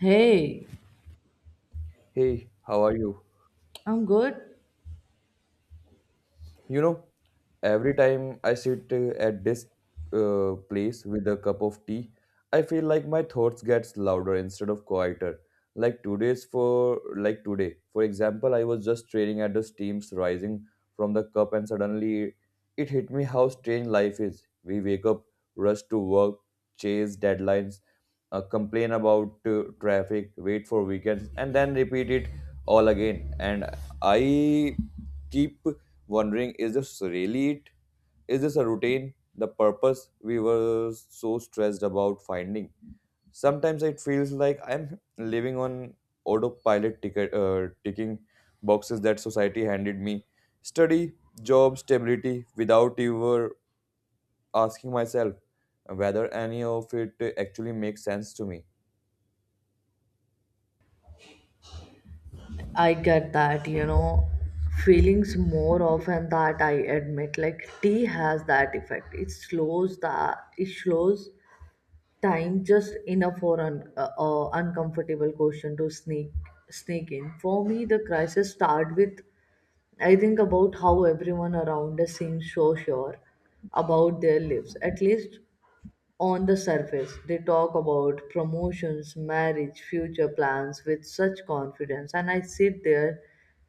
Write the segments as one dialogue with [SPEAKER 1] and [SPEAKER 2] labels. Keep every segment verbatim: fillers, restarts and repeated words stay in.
[SPEAKER 1] Hey,
[SPEAKER 2] Hey, how are you?
[SPEAKER 1] I'm good.
[SPEAKER 2] You know, every time I sit uh, at this uh, place with a cup of tea, I feel like my thoughts gets louder instead of quieter. Like today's for like today. For example, I was just staring at the steams rising from the cup and suddenly it hit me how strange life is. We wake up, rush to work, chase deadlines, uh, complain about uh, traffic, wait for weekends, and then repeat it all again. And I keep wondering, is this really it? Is this a routine? The purpose we were so stressed about finding? Sometimes it feels like I'm living on autopilot ticket, uh, ticking boxes that society handed me. Study, job, stability, without ever asking myself whether any of it actually makes sense to me.
[SPEAKER 1] I get that, you know, feelings more often that I admit. Like tea has that effect. It slows the it slows time just enough for an uh, uh, uncomfortable question to sneak sneak in. For me, the crisis start with I think about how everyone around us seems so sure about their lives. At least on the surface, they talk about promotions, marriage, future plans with such confidence, and I sit there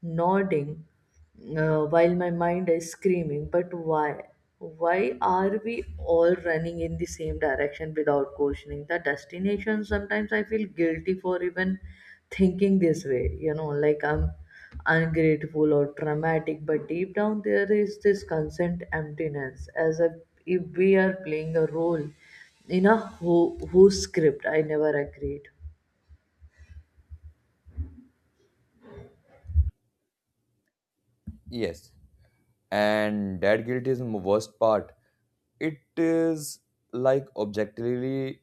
[SPEAKER 1] nodding, uh, while my mind is screaming, but why? Why are we all running in the same direction without questioning the destination? Sometimes I feel guilty for even thinking this way, you know, like I'm ungrateful or traumatic, but deep down there is this consent emptiness, as if if we are playing a role in a who, who script. I never agreed.
[SPEAKER 2] Yes. And that guilt is the worst part. It is like objectively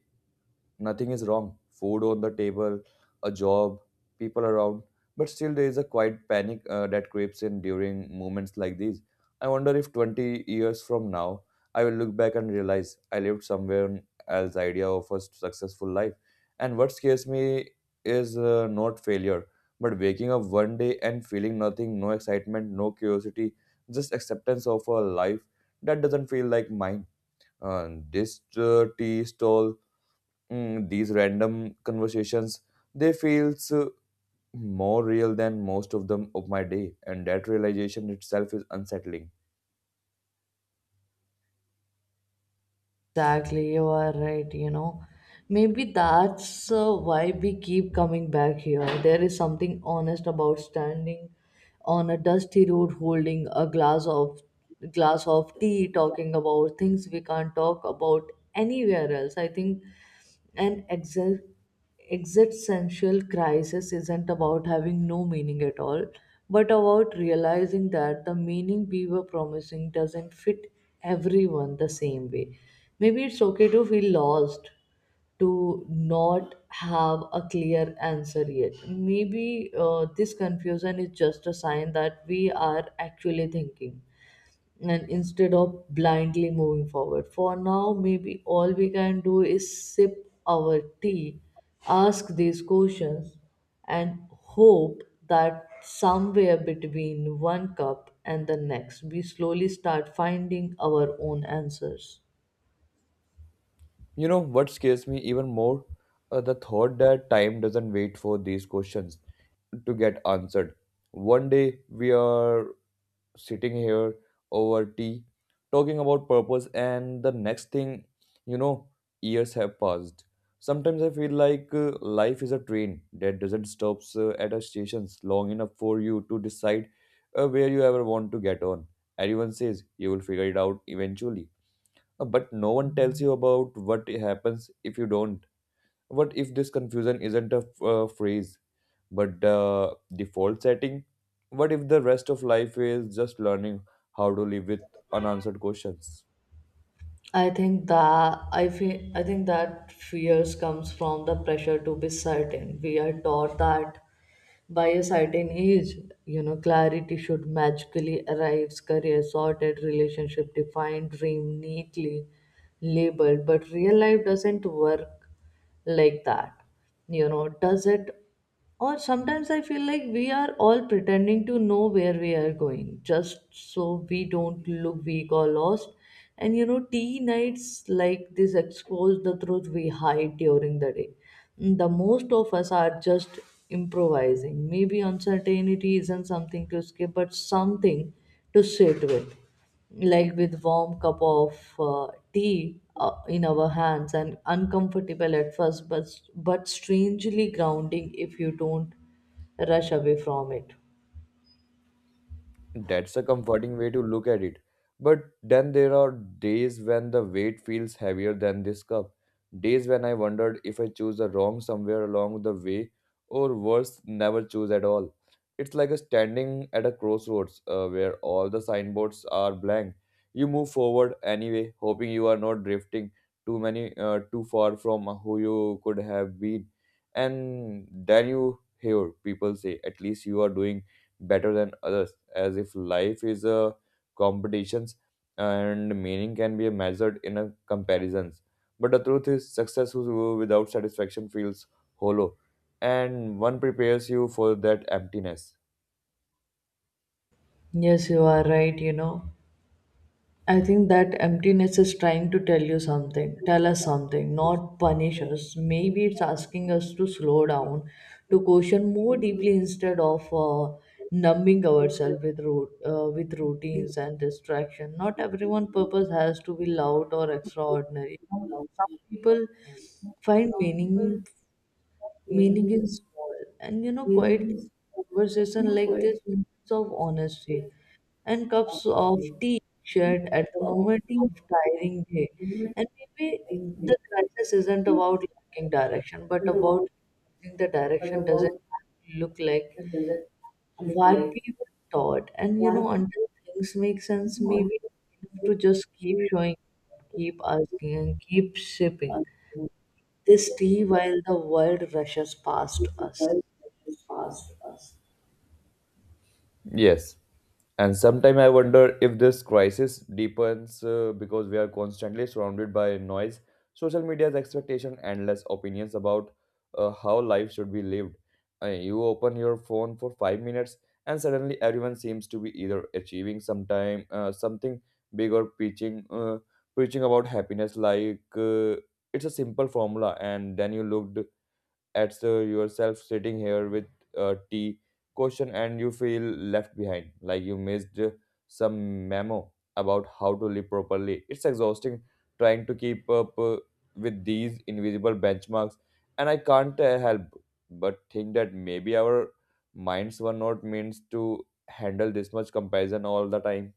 [SPEAKER 2] nothing is wrong. Food on the table, a job, people around. But still, there is a quiet panic uh, that creeps in during moments like these. I wonder if twenty years from now, I will look back and realize I lived someone else's idea of a successful life. And what scares me is uh, not failure, but waking up one day and feeling nothing, no excitement, no curiosity, just acceptance of a life that doesn't feel like mine. Uh, this uh, tea stall, mm, these random conversations, they feels uh, more real than most of them of my day, and that realization itself is unsettling.
[SPEAKER 1] Exactly, you are right. You know, maybe that's uh, why we keep coming back here. There is something honest about standing on a dusty road, holding a glass of glass of tea, talking about things we can't talk about anywhere else. I think, and exact. Existential crisis isn't about having no meaning at all, but about realizing that the meaning we were promising doesn't fit everyone the same way. Maybe it's okay to feel lost, to not have a clear answer yet. Maybe uh, this confusion is just a sign that we are actually thinking and instead of blindly moving forward. For now, maybe all we can do is sip our tea, ask these questions, and hope that somewhere between one cup and the next, we slowly start finding our own answers.
[SPEAKER 2] You know what scares me even more? Uh, the thought that time doesn't wait for these questions to get answered. One day we are sitting here over tea talking about purpose, and the next thing you know, years have passed. Sometimes I feel like uh, life is a train that doesn't stop uh, at a stations long enough for you to decide uh, where you ever want to get on. Everyone says you will figure it out eventually. Uh, but no one tells you about what happens if you don't. What if this confusion isn't a uh, phrase, but the default setting? What if the rest of life is just learning how to live with unanswered questions?
[SPEAKER 1] I think that I feel I think that fears comes from the pressure to be certain. We are taught that by a certain age, you know, clarity should magically arrive, career sorted, relationship defined, dream neatly labeled. But real life doesn't work like that, you know, does it? Or sometimes I feel like we are all pretending to know where we are going just so we don't look weak or lost. And you know, tea nights like this expose the truth we hide during the day. The most of us are just improvising. Maybe uncertainty isn't something to skip but something to sit with, like with warm cup of uh, tea uh, in our hands, and uncomfortable at first, but but strangely grounding if you don't rush away from it.
[SPEAKER 2] That's a comforting way to look at it. But then there are days when the weight feels heavier than this cup. Days when I wondered if I choose the wrong somewhere along the way, or worse, never choose at all. It's like a standing at a crossroads uh, where all the signboards are blank. You move forward anyway, hoping you are not drifting too many uh, too far from who you could have been. And then you hear people say, "At least you are doing better than others," as if life is a competitions and meaning can be measured in a comparisons. But the truth is, success who- without satisfaction feels hollow, and one prepares you for that emptiness.
[SPEAKER 1] Yes, you are right, you know. I think that emptiness is trying to tell you something, tell us something, not punish us. Maybe it's asking us to slow down, to question more deeply instead of uh, numbing ourselves with root, uh, with routines and distraction. Not everyone purpose has to be loud or extraordinary. Some some people find meaning meaning is small, and you know, quite conversation like this, moments of honesty, and cups of tea shared at the moment of tiring day. And maybe the crisis isn't about lacking direction but about realizing the direction doesn't look like what we were taught. And you know, until things make sense, maybe we have to just keep showing keep asking and keep shipping this tea while the world rushes past us.
[SPEAKER 2] Yes. And sometimes I wonder if this crisis deepens uh, because we are constantly surrounded by noise, social media's expectation, and less opinions about uh, how life should be lived. Uh, you open your phone for five minutes, and suddenly everyone seems to be either achieving sometime uh, something big or preaching uh, preaching about happiness. Like uh, it's a simple formula, and then you looked at uh, yourself sitting here with a tea question, and you feel left behind, like you missed uh, some memo about how to live properly. It's exhausting trying to keep up uh, with these invisible benchmarks, and I can't uh, help but think that maybe our minds were not meant to handle this much comparison all the time.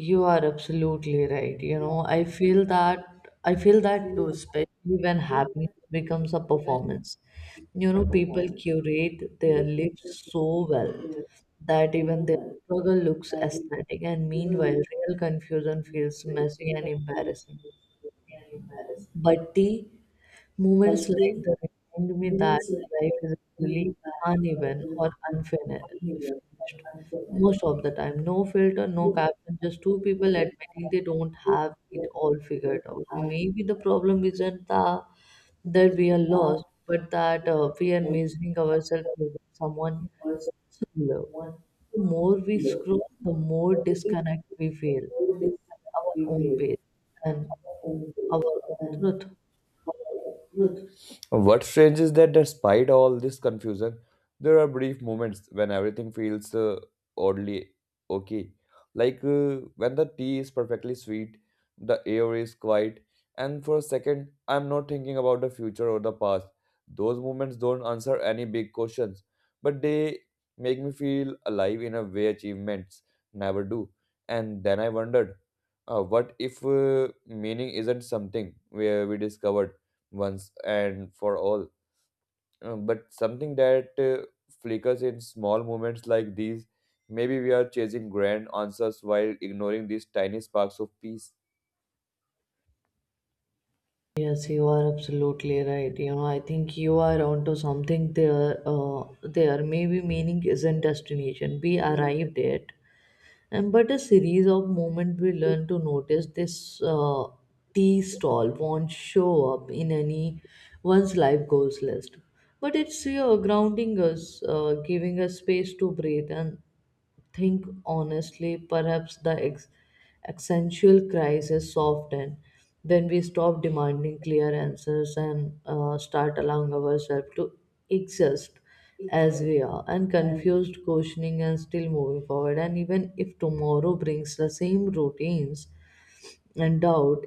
[SPEAKER 1] You are absolutely right. You know, I feel that I feel that too, especially when happiness becomes a performance. You know, people curate their lives so well that even their struggle looks aesthetic, and meanwhile, real confusion feels messy and embarrassing. But tea moments like that remind me that life is really uneven or unfinished. Most of the time, no filter, no caption, just two people admitting they don't have it all figured out. Maybe the problem isn't the, that we are lost, but that uh, we are measuring ourselves with someone similar. The more we scroll, the more disconnect we feel, our own pace and our own truth.
[SPEAKER 2] What's strange is that despite all this confusion, there are brief moments when everything feels uh, oddly okay. Like uh, when the tea is perfectly sweet, the air is quiet, and for a second, I'm not thinking about the future or the past. Those moments don't answer any big questions, but they make me feel alive in a way achievements never do. And then I wondered, uh, what if uh, meaning isn't something where we discovered once and for all, Uh, but something that uh, flickers in small moments like these. Maybe we are chasing grand answers while ignoring these tiny sparks of peace.
[SPEAKER 1] Yes, you are absolutely right. You know, I think you are onto something there. Uh, there, maybe meaning isn't destination we arrived at, and but a series of moments we learn to notice this uh, tea stall won't show up in any one's life goals list, but it's here grounding us, uh, giving us space to breathe and think honestly. Perhaps the ex- existential crisis soften when we stop demanding clear answers and uh, start allowing ourselves to exist as we are, and confused, questioning, and still moving forward. And even if tomorrow brings the same routines and doubt,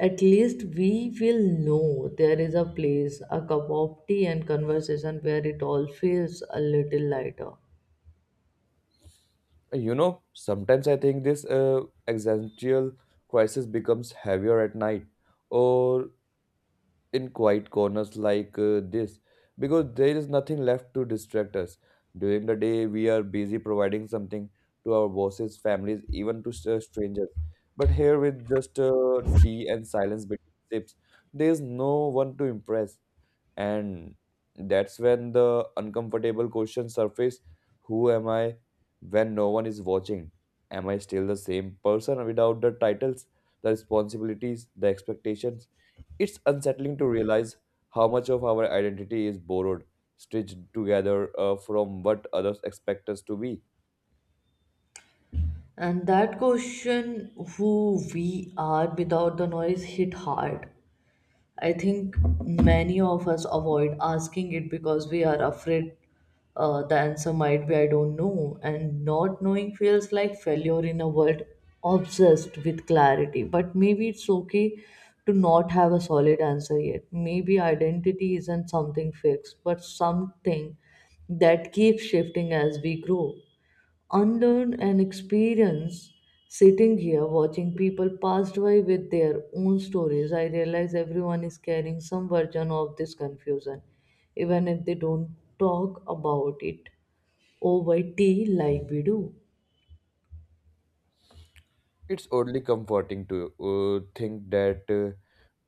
[SPEAKER 1] at least we will know there is a place, a cup of tea, and conversation where it all feels a little lighter.
[SPEAKER 2] Uh, You know, sometimes I think this uh, existential crisis becomes heavier at night or in quiet corners like uh, this, because there is nothing left to distract us. During the day, we are busy providing something to our bosses, families, even to str- strangers. But here, with just uh, tea and silence between sips, there is no one to impress. And that's when the uncomfortable questions surface. Who am I when no one is watching? Am I still the same person without the titles, the responsibilities, the expectations? It's unsettling to realize how much of our identity is borrowed, stitched together uh, from what others expect us to be.
[SPEAKER 1] And that question, who we are without the noise, hit hard. I think many of us avoid asking it because we are afraid uh, the answer might be I don't know, and not knowing feels like failure in a world obsessed with clarity. But maybe it's okay to not have a solid answer yet. Maybe identity isn't something fixed, but something that keeps shifting as we grow, unlearn an experience. Sitting here watching people passed by with their own stories, I realize everyone is carrying some version of this confusion, even if they don't talk about it over tea like we do.
[SPEAKER 2] It's oddly comforting to uh, think that uh,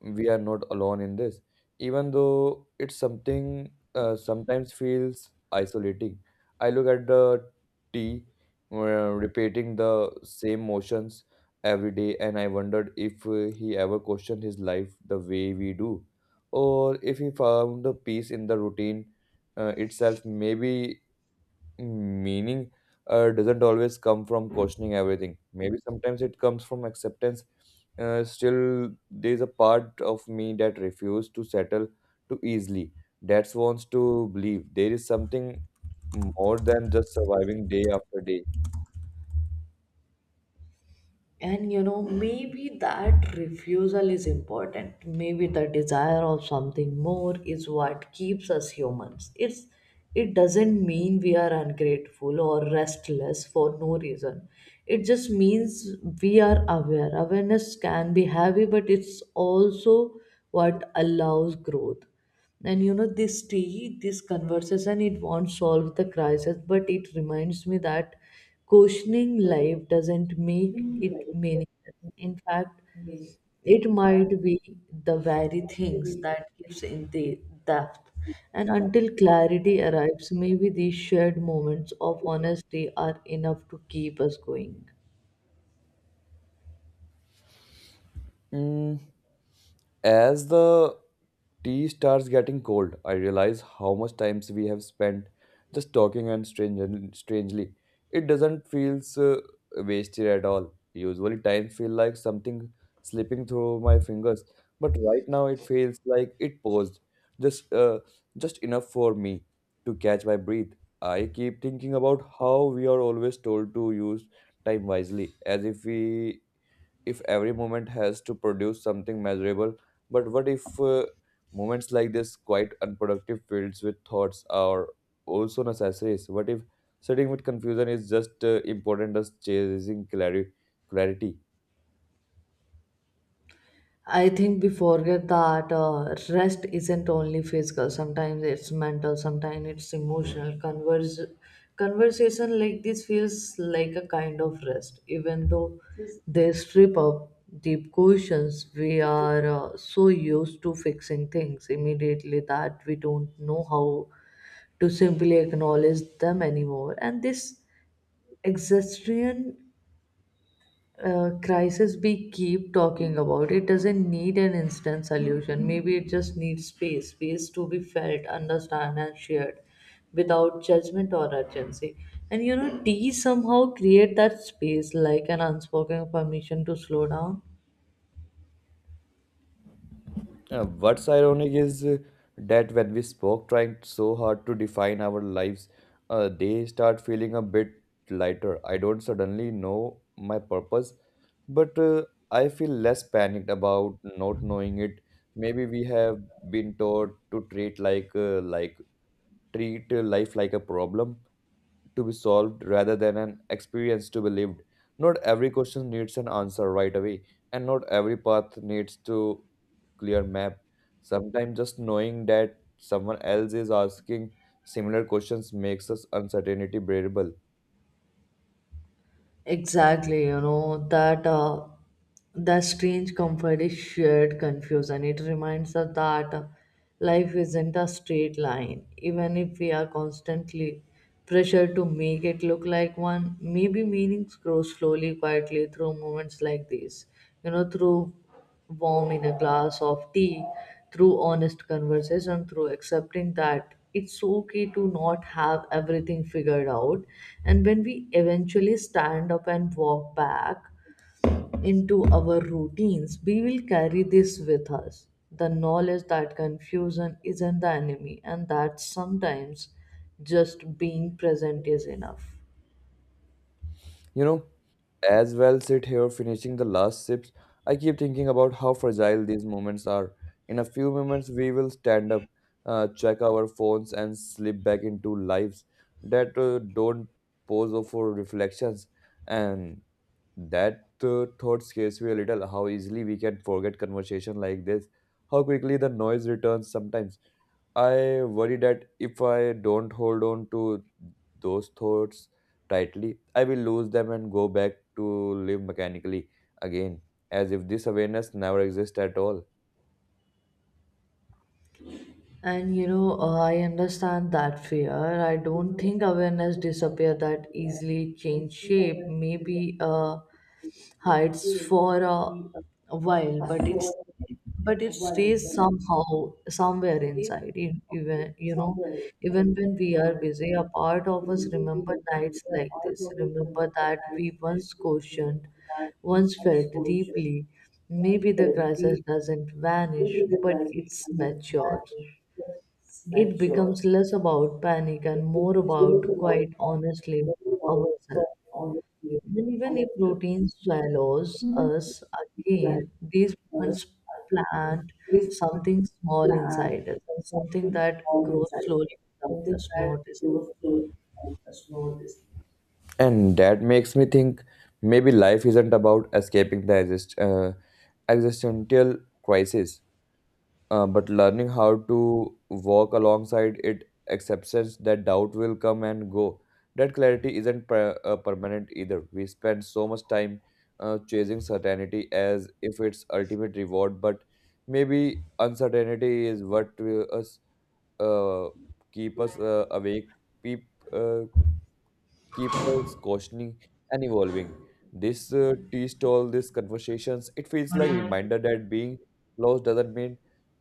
[SPEAKER 2] we are not alone in this, even though it's something uh, sometimes feels isolating. I look at the tea uh, repeating the same motions every day, and I wondered if uh, he ever questioned his life the way we do, or if he found the peace in the routine uh, itself. Maybe meaning uh, doesn't always come from questioning everything. Maybe sometimes it comes from acceptance. Uh, still, there's a part of me that refuses to settle too easily. That wants to believe there is something more than just surviving day after day.
[SPEAKER 1] And you know, maybe that refusal is important. Maybe the desire of something more is what keeps us humans. It's it doesn't mean we are ungrateful or restless for no reason. It just means we are aware. Awareness can be heavy, but it's also what allows growth. And you know, this tea, this conversation, it won't solve the crisis, but it reminds me that questioning life doesn't make it meaningless. In fact, it might be the very things that gives in the depth. And until clarity arrives, maybe these shared moments of honesty are enough to keep us going.
[SPEAKER 2] Mm, as the Tea starts getting cold, I realize how much times we have spent just talking, and strange, strangely, it doesn't feel uh, wasted at all. Usually time feel like something slipping through my fingers, but right now it feels like it paused. Just uh, just enough for me to catch my breath. I keep thinking about how we are always told to use time wisely, as if we if every moment has to produce something measurable. But what if uh, moments like this quite unproductive fields with thoughts are also necessaries? What if sitting with confusion is just uh, important as chasing clarity clarity?
[SPEAKER 1] I think we forget that uh, rest isn't only physical. Sometimes it's mental. Sometimes it's emotional. Converse, conversation like this feels like a kind of rest, even though they strip up deep questions. We are uh, so used to fixing things immediately that we don't know how to simply acknowledge them anymore. And this exhaustion, uh, crisis we keep talking about, it doesn't need an instant solution. Maybe it just needs space space to be felt, understood, and shared without judgment or urgency. And you know, tea somehow create that space, like an unspoken permission to slow down.
[SPEAKER 2] Uh, what's ironic is uh, that when we spoke trying so hard to define our lives, uh, they start feeling a bit lighter. I don't suddenly know my purpose, but uh, I feel less panicked about not knowing it. Maybe we have been taught to treat like uh, like treat uh, life like a problem to be solved rather than an experience to be lived. Not every question needs an answer right away, and not every path needs to clear map. Sometimes just knowing that someone else is asking similar questions makes us uncertainty bearable.
[SPEAKER 1] Exactly, you know, that uh, that strange comfort is shared confusion. It reminds us that uh, life isn't a straight line. Even if we are constantly pressured to make it look like one, maybe meanings grow slowly, quietly, through moments like these. You know, through warm in a glass of tea, through honest conversation, through accepting that it's okay to not have everything figured out. And when we eventually stand up and walk back into our routines, we will carry this with us, the knowledge that confusion isn't the enemy, and that sometimes just being present is enough.
[SPEAKER 2] You know, as well sit here finishing the last sips. I keep thinking about how fragile these moments are. In a few moments, we will stand up, uh, check our phones, and slip back into lives that uh, don't pose for reflections. And that uh, thought scares me a little, how easily we can forget conversation like this, how quickly the noise returns sometimes. I worry that if I don't hold on to those thoughts tightly, I will lose them and go back to live mechanically again, as if this awareness never exists at all.
[SPEAKER 1] And you know, uh, I understand that fear. I don't think awareness disappear that easily, change shape. Maybe uh, hides for a while, but it's but it stays somehow somewhere inside. E- Even, you know, even when we are busy, a part of us remember nights like this. Remember that we once questioned, once felt deeply. Maybe the crisis doesn't vanish, but it's mature. It becomes less about panic and more about quite honestly ourselves. And even if routine swallows us again, these moments plant something small inside us, and something that grows slowly without us noticing.
[SPEAKER 2] And that makes me think maybe life isn't about escaping the exist- uh, existential crisis, Uh, but learning how to walk alongside it, acceptance that doubt will come and go. That clarity isn't per- uh, permanent either. We spend so much time uh, chasing certainty as if it's ultimate reward, but maybe uncertainty is what will us uh, keep us uh, awake, keep uh, keeps us questioning and evolving. This uh, tea stall, these conversations, it feels like reminder that being lost doesn't mean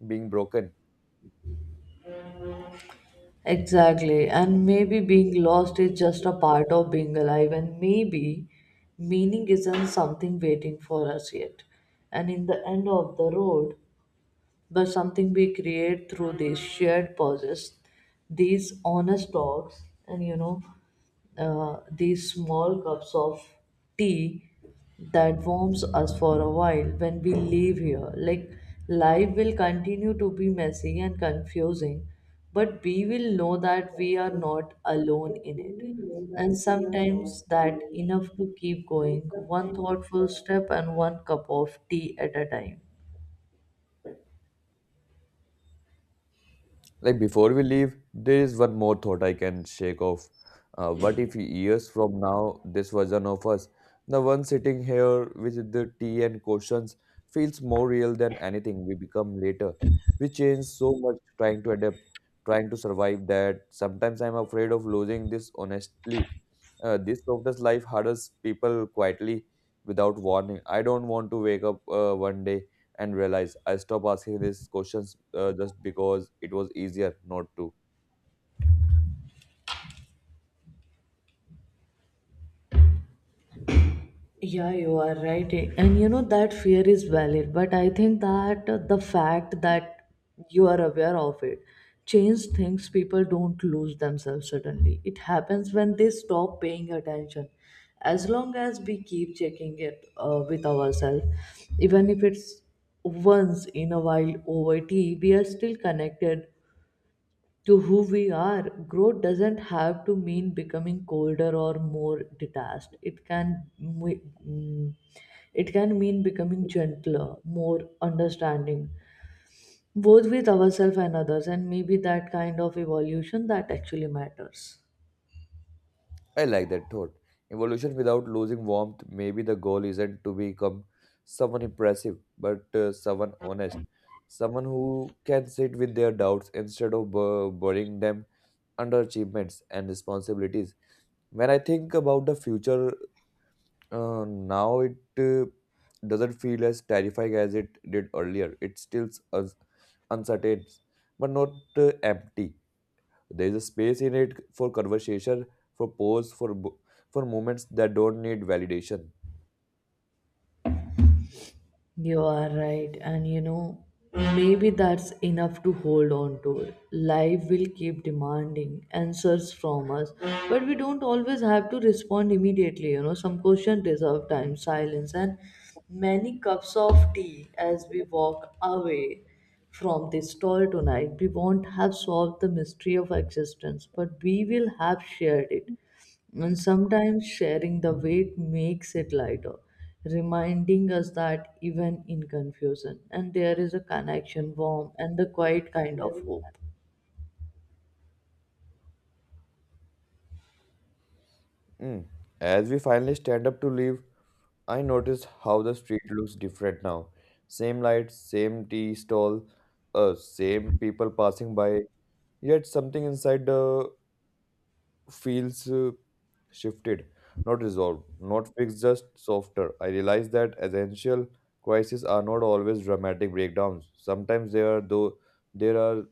[SPEAKER 2] being broken.
[SPEAKER 1] Exactly. And maybe being lost is just a part of being alive, and maybe meaning isn't something waiting for us yet. And in the end of the road, the something we create through these shared pauses, these honest talks, and you know, uh, these small cups of tea that warms us for a while when we leave here. Like, life will continue to be messy and confusing, but we will know that we are not alone in it. And sometimes that enough to keep going, one thoughtful step and one cup of tea at a time.
[SPEAKER 2] Like before we leave, there is one more thought I can shake off. Uh, what if years from now, this version of us, the one sitting here with the tea and questions, feels more real than anything we become later? We change so much trying to adapt, trying to survive, that sometimes I'm afraid of losing this honestly, uh, this lockdown life hurdles people quietly without warning. I don't want to wake up uh, one day and realize I stopped asking these questions uh, just because it was easier not to.
[SPEAKER 1] Yeah, you are right. And you know, that fear is valid, but I think that the fact that you are aware of it change things. People don't lose themselves suddenly. It happens when they stop paying attention. As long as we keep checking it uh, with ourselves, even if it's once in a while over tea, we are still connected to who we are. Growth doesn't have to mean becoming colder or more detached. It can m- mm, it can mean becoming gentler, more understanding, both with ourselves and others, and maybe that kind of evolution that actually matters.
[SPEAKER 2] I like that thought. Evolution without losing warmth. Maybe the goal isn't to become someone impressive, but uh, someone honest, someone who can sit with their doubts instead of bu- burying them under achievements and responsibilities. When I think about the future, Uh, now it uh, doesn't feel as terrifying as it did earlier. It still as uncertain, but not uh, empty. There is a space in it for conversation, for pause, for bo- for moments that don't need validation.
[SPEAKER 1] You are right, and you know, maybe that's enough to hold on to. Life will keep demanding answers from us, but we don't always have to respond immediately. You know, some questions deserve time, silence, and many cups of tea as we walk away from this stall tonight. We won't have solved the mystery of existence, but we will have shared it, and sometimes sharing the weight makes it lighter, reminding us that even in confusion, and there is a connection, warm, and the quiet kind of hope.
[SPEAKER 2] Mm. As we finally stand up to leave, I notice how the street looks different now. Same lights, same tea stall, uh, same people passing by. Yet something inside the feels uh, shifted, not resolved, not fixed, just softer. I realize that essential crises are not always dramatic breakdowns. Sometimes there are though there are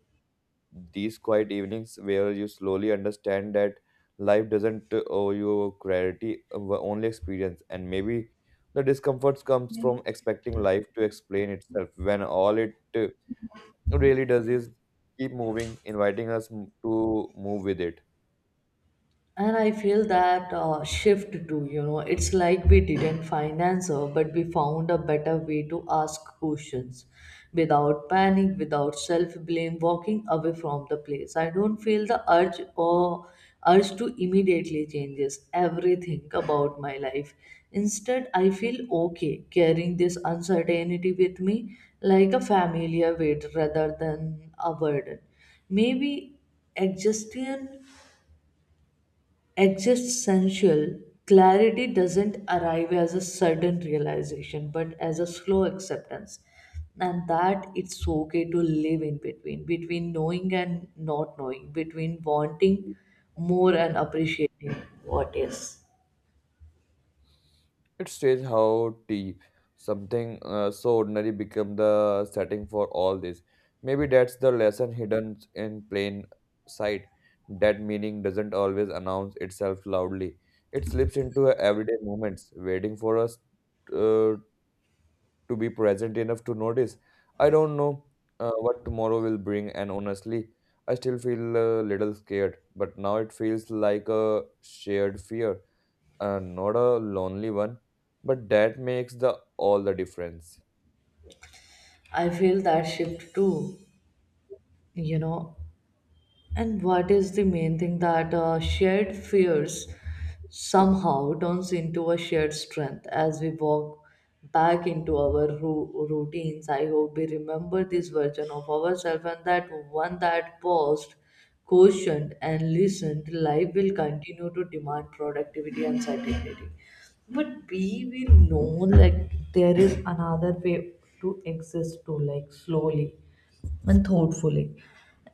[SPEAKER 2] these quiet evenings where you slowly understand that life doesn't uh, owe you clarity, uh, only experience, and maybe the discomfort comes from expecting life to explain itself when all it uh, really does is keep moving, inviting us m- to move with it.
[SPEAKER 1] And I feel that uh, shift too, you know. It's like we didn't find answer, but we found a better way to ask questions without panic, without self blame. Walking away from the place, I don't feel the urge or urge to immediately changes everything about my life. Instead, I feel okay carrying this uncertainty with me like a familiar weight rather than a burden. Maybe exhaustion. Existential clarity doesn't arrive as a sudden realization, but as a slow acceptance, and that it's okay to live in between, between knowing and not knowing, between wanting more and appreciating what is.
[SPEAKER 2] It states how deep something uh, so ordinary become the setting for all this. Maybe that's the lesson hidden in plain sight. That meaning doesn't always announce itself loudly. It slips into everyday moments, waiting for us uh, to be present enough to notice. I don't know uh, what tomorrow will bring, and honestly, I still feel a little scared, but now it feels like a shared fear, uh, not a lonely one, but that makes the all the difference.
[SPEAKER 1] I feel that shift too, you know. And what is the main thing, that uh, shared fears somehow turns into a shared strength as we walk back into our ru- routines? I hope we remember this version of ourselves, and that one that paused, questioned, and listened. Life will continue to demand productivity and certainty. But we will know, like, there is another way to exist too, like slowly and thoughtfully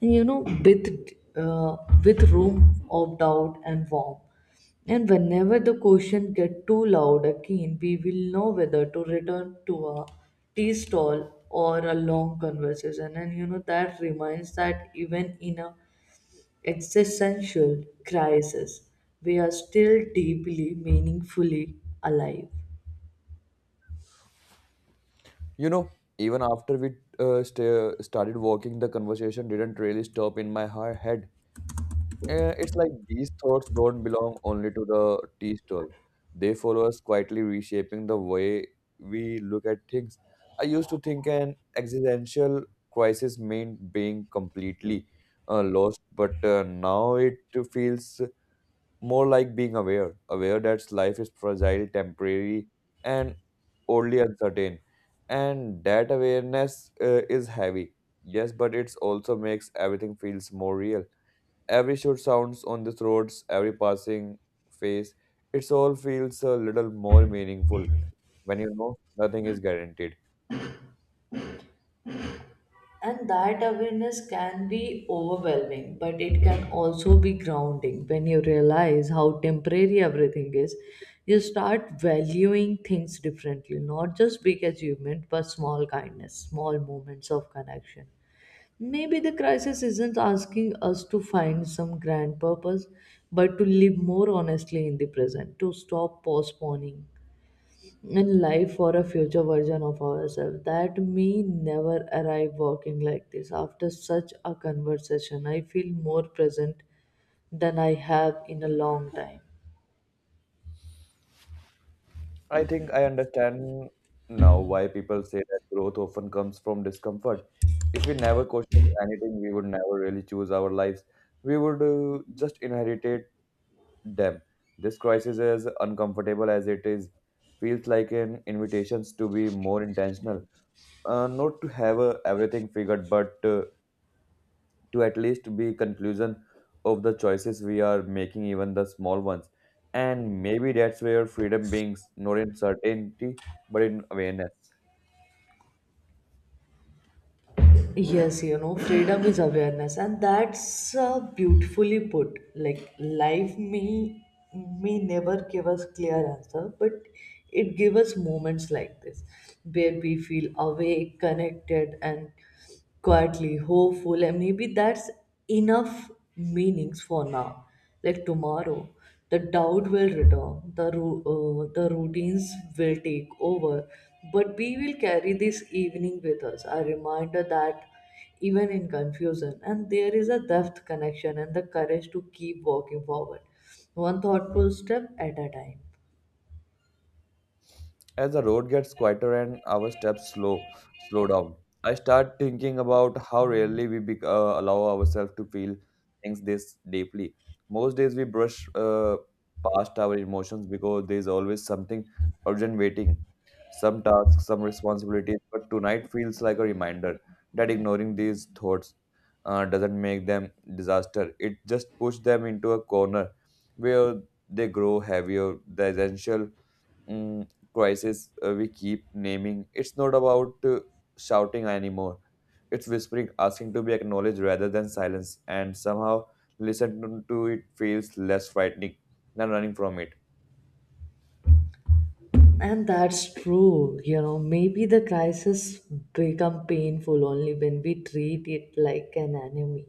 [SPEAKER 1] and, you know, with uh, with room of doubt and warmth. And whenever the question get too loud again, we will know whether to return to a tea stall or a long conversation. And you know, that reminds that even in a existential crisis, we are still deeply, meaningfully alive.
[SPEAKER 2] You know, even after we uh, sta started walking, the conversation didn't really stop in my he- head. Uh, it's like these thoughts don't belong only to the tea stall. They follow us quietly, reshaping the way we look at things. I used to think an existential crisis meant being completely uh, lost, but uh, now it feels more like being aware, aware that life is fragile, temporary, and only uncertain. And that awareness uh, is heavy, yes, but it also makes everything feels more real. Every shoot sounds on these roads, every passing face, it all feels a little more meaningful when you know nothing is guaranteed.
[SPEAKER 1] And that awareness can be overwhelming, but it can also be grounding. When you realize how temporary everything is, you start valuing things differently, not just big achievement, but small kindness, small moments of connection. Maybe the crisis isn't asking us to find some grand purpose, but to live more honestly in the present, to stop postponing in life for a future version of ourselves that may never arrive. Walking like this, after such a conversation, I feel more present than I have in a long time.
[SPEAKER 2] I think I understand now why people say that growth often comes from discomfort. If we never questioned anything, we would never really choose our lives. We would uh, just inherit them. This crisis, as uncomfortable as it is, feels like an invitation to be more intentional. Uh, not to have uh, everything figured, but uh, to at least be conclusion of the choices we are making, even the small ones. And maybe that's where freedom beings, not in certainty but in awareness.
[SPEAKER 1] Yes, you know, freedom is awareness, and that's uh, beautifully put. Like, life may may never give us clear answer, but it gives us moments like this, where we feel awake, connected, and quietly hopeful. And maybe that's enough meanings for now. Like tomorrow, the doubt will return, the ru- uh, the routines will take over, but we will carry this evening with us, a reminder that even in confusion, and there is a depth connection and the courage to keep walking forward one thoughtful step at a time.
[SPEAKER 2] As the road gets quieter and our steps slow, slow down, I start thinking about how rarely we bec- uh, allow ourselves to feel things this deeply. Most days we brush uh, past our emotions because there is always something urgent waiting, some tasks, some responsibilities. But tonight feels like a reminder that ignoring these thoughts uh, doesn't make them disaster. It just pushes them into a corner where they grow heavier. The essential mm, crisis uh, we keep naming, it's not about uh, shouting anymore. It's whispering, asking to be acknowledged rather than silence, and somehow listening to it feels less frightening than running from it.
[SPEAKER 1] And that's true, you know. Maybe the crisis become painful only when we treat it like an enemy,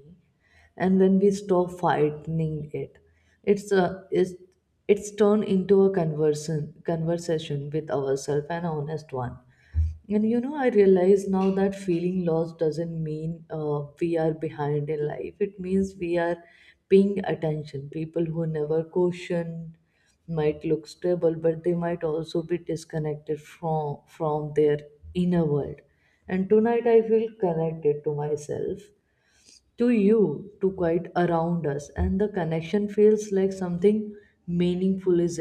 [SPEAKER 1] and when we stop fighting it, It's a, it's, it's turned into a conversion, conversation with ourselves, an honest one. And you know, I realize now that feeling lost doesn't mean uh, we are behind in life. It means we are paying attention. People who never question might look stable, but they might also be disconnected from from their inner world. And tonight, I feel connected to myself, to you, to quite around us, and the connection feels like something meaningful is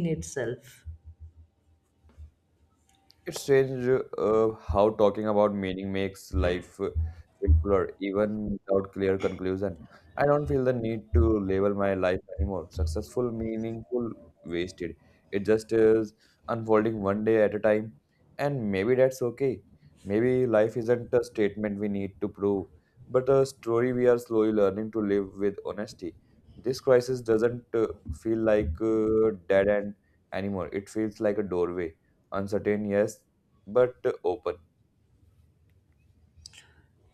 [SPEAKER 1] in itself.
[SPEAKER 2] It's strange uh, how talking about meaning makes life uh, feel fuller, even without clear conclusion. I don't feel the need to label my life anymore. Successful, meaningful, wasted. It just is unfolding one day at a time, and maybe that's okay. Maybe life isn't a statement we need to prove, but a story we are slowly learning to live with honesty. This crisis doesn't uh, feel like a dead end anymore. It feels like a doorway, uncertain, yes, but open.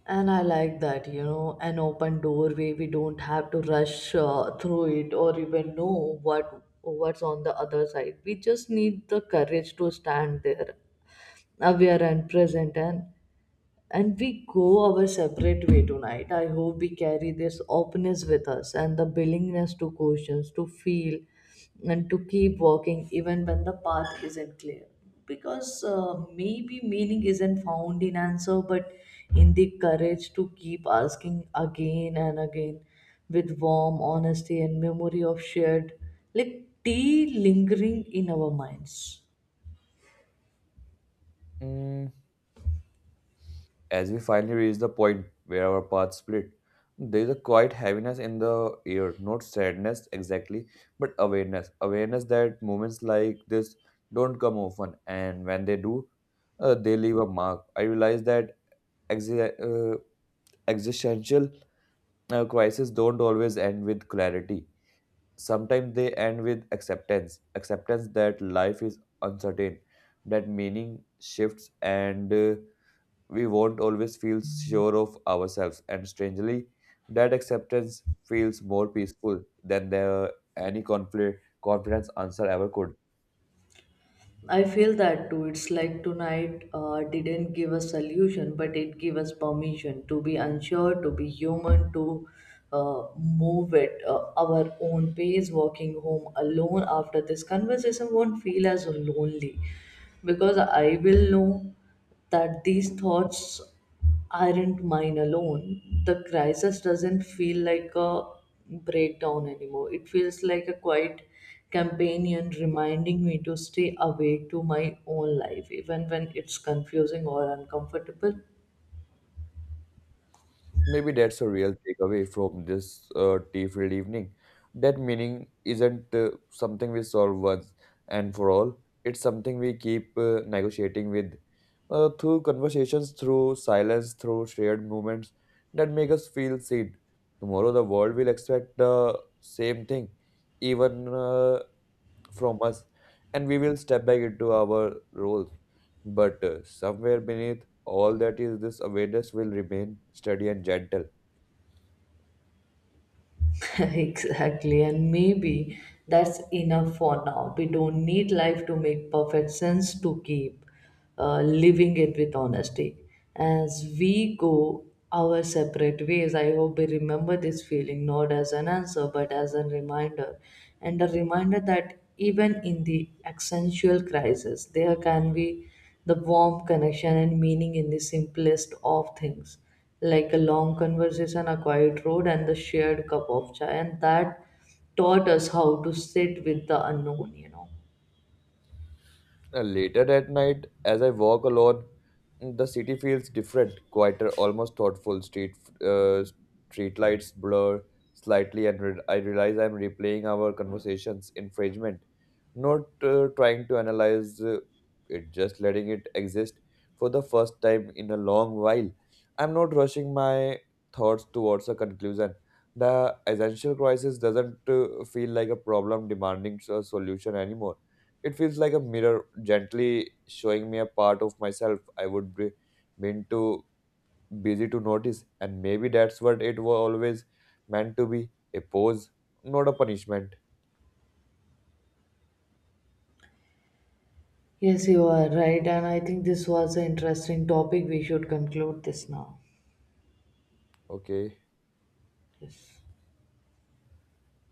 [SPEAKER 1] And I like that, you know, an open doorway. We don't have to rush uh, through it, or even know what what's on the other side. We just need the courage to stand there, aware and present. and and we go our separate way tonight. I hope we carry this openness with us, and the willingness to questions, to feel, and to keep walking even when the path isn't clear. Because uh, maybe meaning isn't found in answer, but in the courage to keep asking again and again, with warm honesty and memory of shared, like tea lingering in our minds.
[SPEAKER 2] Mm, as we finally reach the point where our paths split, there is a quiet heaviness in the air, not sadness exactly, but awareness. Awareness that moments like this don't come often, and when they do, uh, they leave a mark. I realize that exi- uh, existential uh, crises don't always end with clarity. Sometimes they end with acceptance, acceptance that life is uncertain, that meaning shifts, and uh, we won't always feel sure of ourselves. And strangely, that acceptance feels more peaceful than the, any conflict, confidence answer ever could.
[SPEAKER 1] I feel that too. It's like tonight uh, didn't give a solution, but it gave us permission to be unsure, to be human, to uh, move at uh, our own pace. Walking home alone after this conversation won't feel as lonely, because I will know that these thoughts aren't mine alone. The crisis doesn't feel like a breakdown anymore. It feels like a quiet companion, reminding me to stay awake to my own life, even when it's confusing or uncomfortable.
[SPEAKER 2] Maybe that's a real takeaway from this uh, tea-filled evening. That meaning isn't uh, something we solve once and for all. It's something we keep uh, negotiating with, uh, through conversations, through silence, through shared moments that make us feel seen. Tomorrow, the world will expect the same thing, even uh, from us, and we will step back into our roles. But uh, somewhere beneath all that is this awareness will remain steady and gentle.
[SPEAKER 1] Exactly, and maybe that's enough for now. We don't need life to make perfect sense to keep uh, living it with honesty. As we go our separate ways, I hope we remember this feeling not as an answer but as a reminder, and a reminder that even in the existential crisis, there can be the warm connection and meaning in the simplest of things, like a long conversation, a quiet road, and the shared cup of chai. And that taught us how to sit with the unknown, you know.
[SPEAKER 2] Uh, Later at night, as I walk alone, the city feels different, quieter, almost thoughtful. Street uh, Street lights blur slightly, and re- I realize I'm replaying our conversations in fragment, not uh, trying to analyze uh, it, just letting it exist. For the first time in a long while, I'm not rushing my thoughts towards a conclusion. The essential crisis doesn't uh, feel like a problem demanding a solution anymore. It feels like a mirror gently showing me a part of myself I would be been too busy to notice, and maybe that's what it was always meant to be, a pose, not a punishment.
[SPEAKER 1] Yes, you are right. And I think this was an interesting topic. We should conclude this now.
[SPEAKER 2] Okay.
[SPEAKER 1] Yes.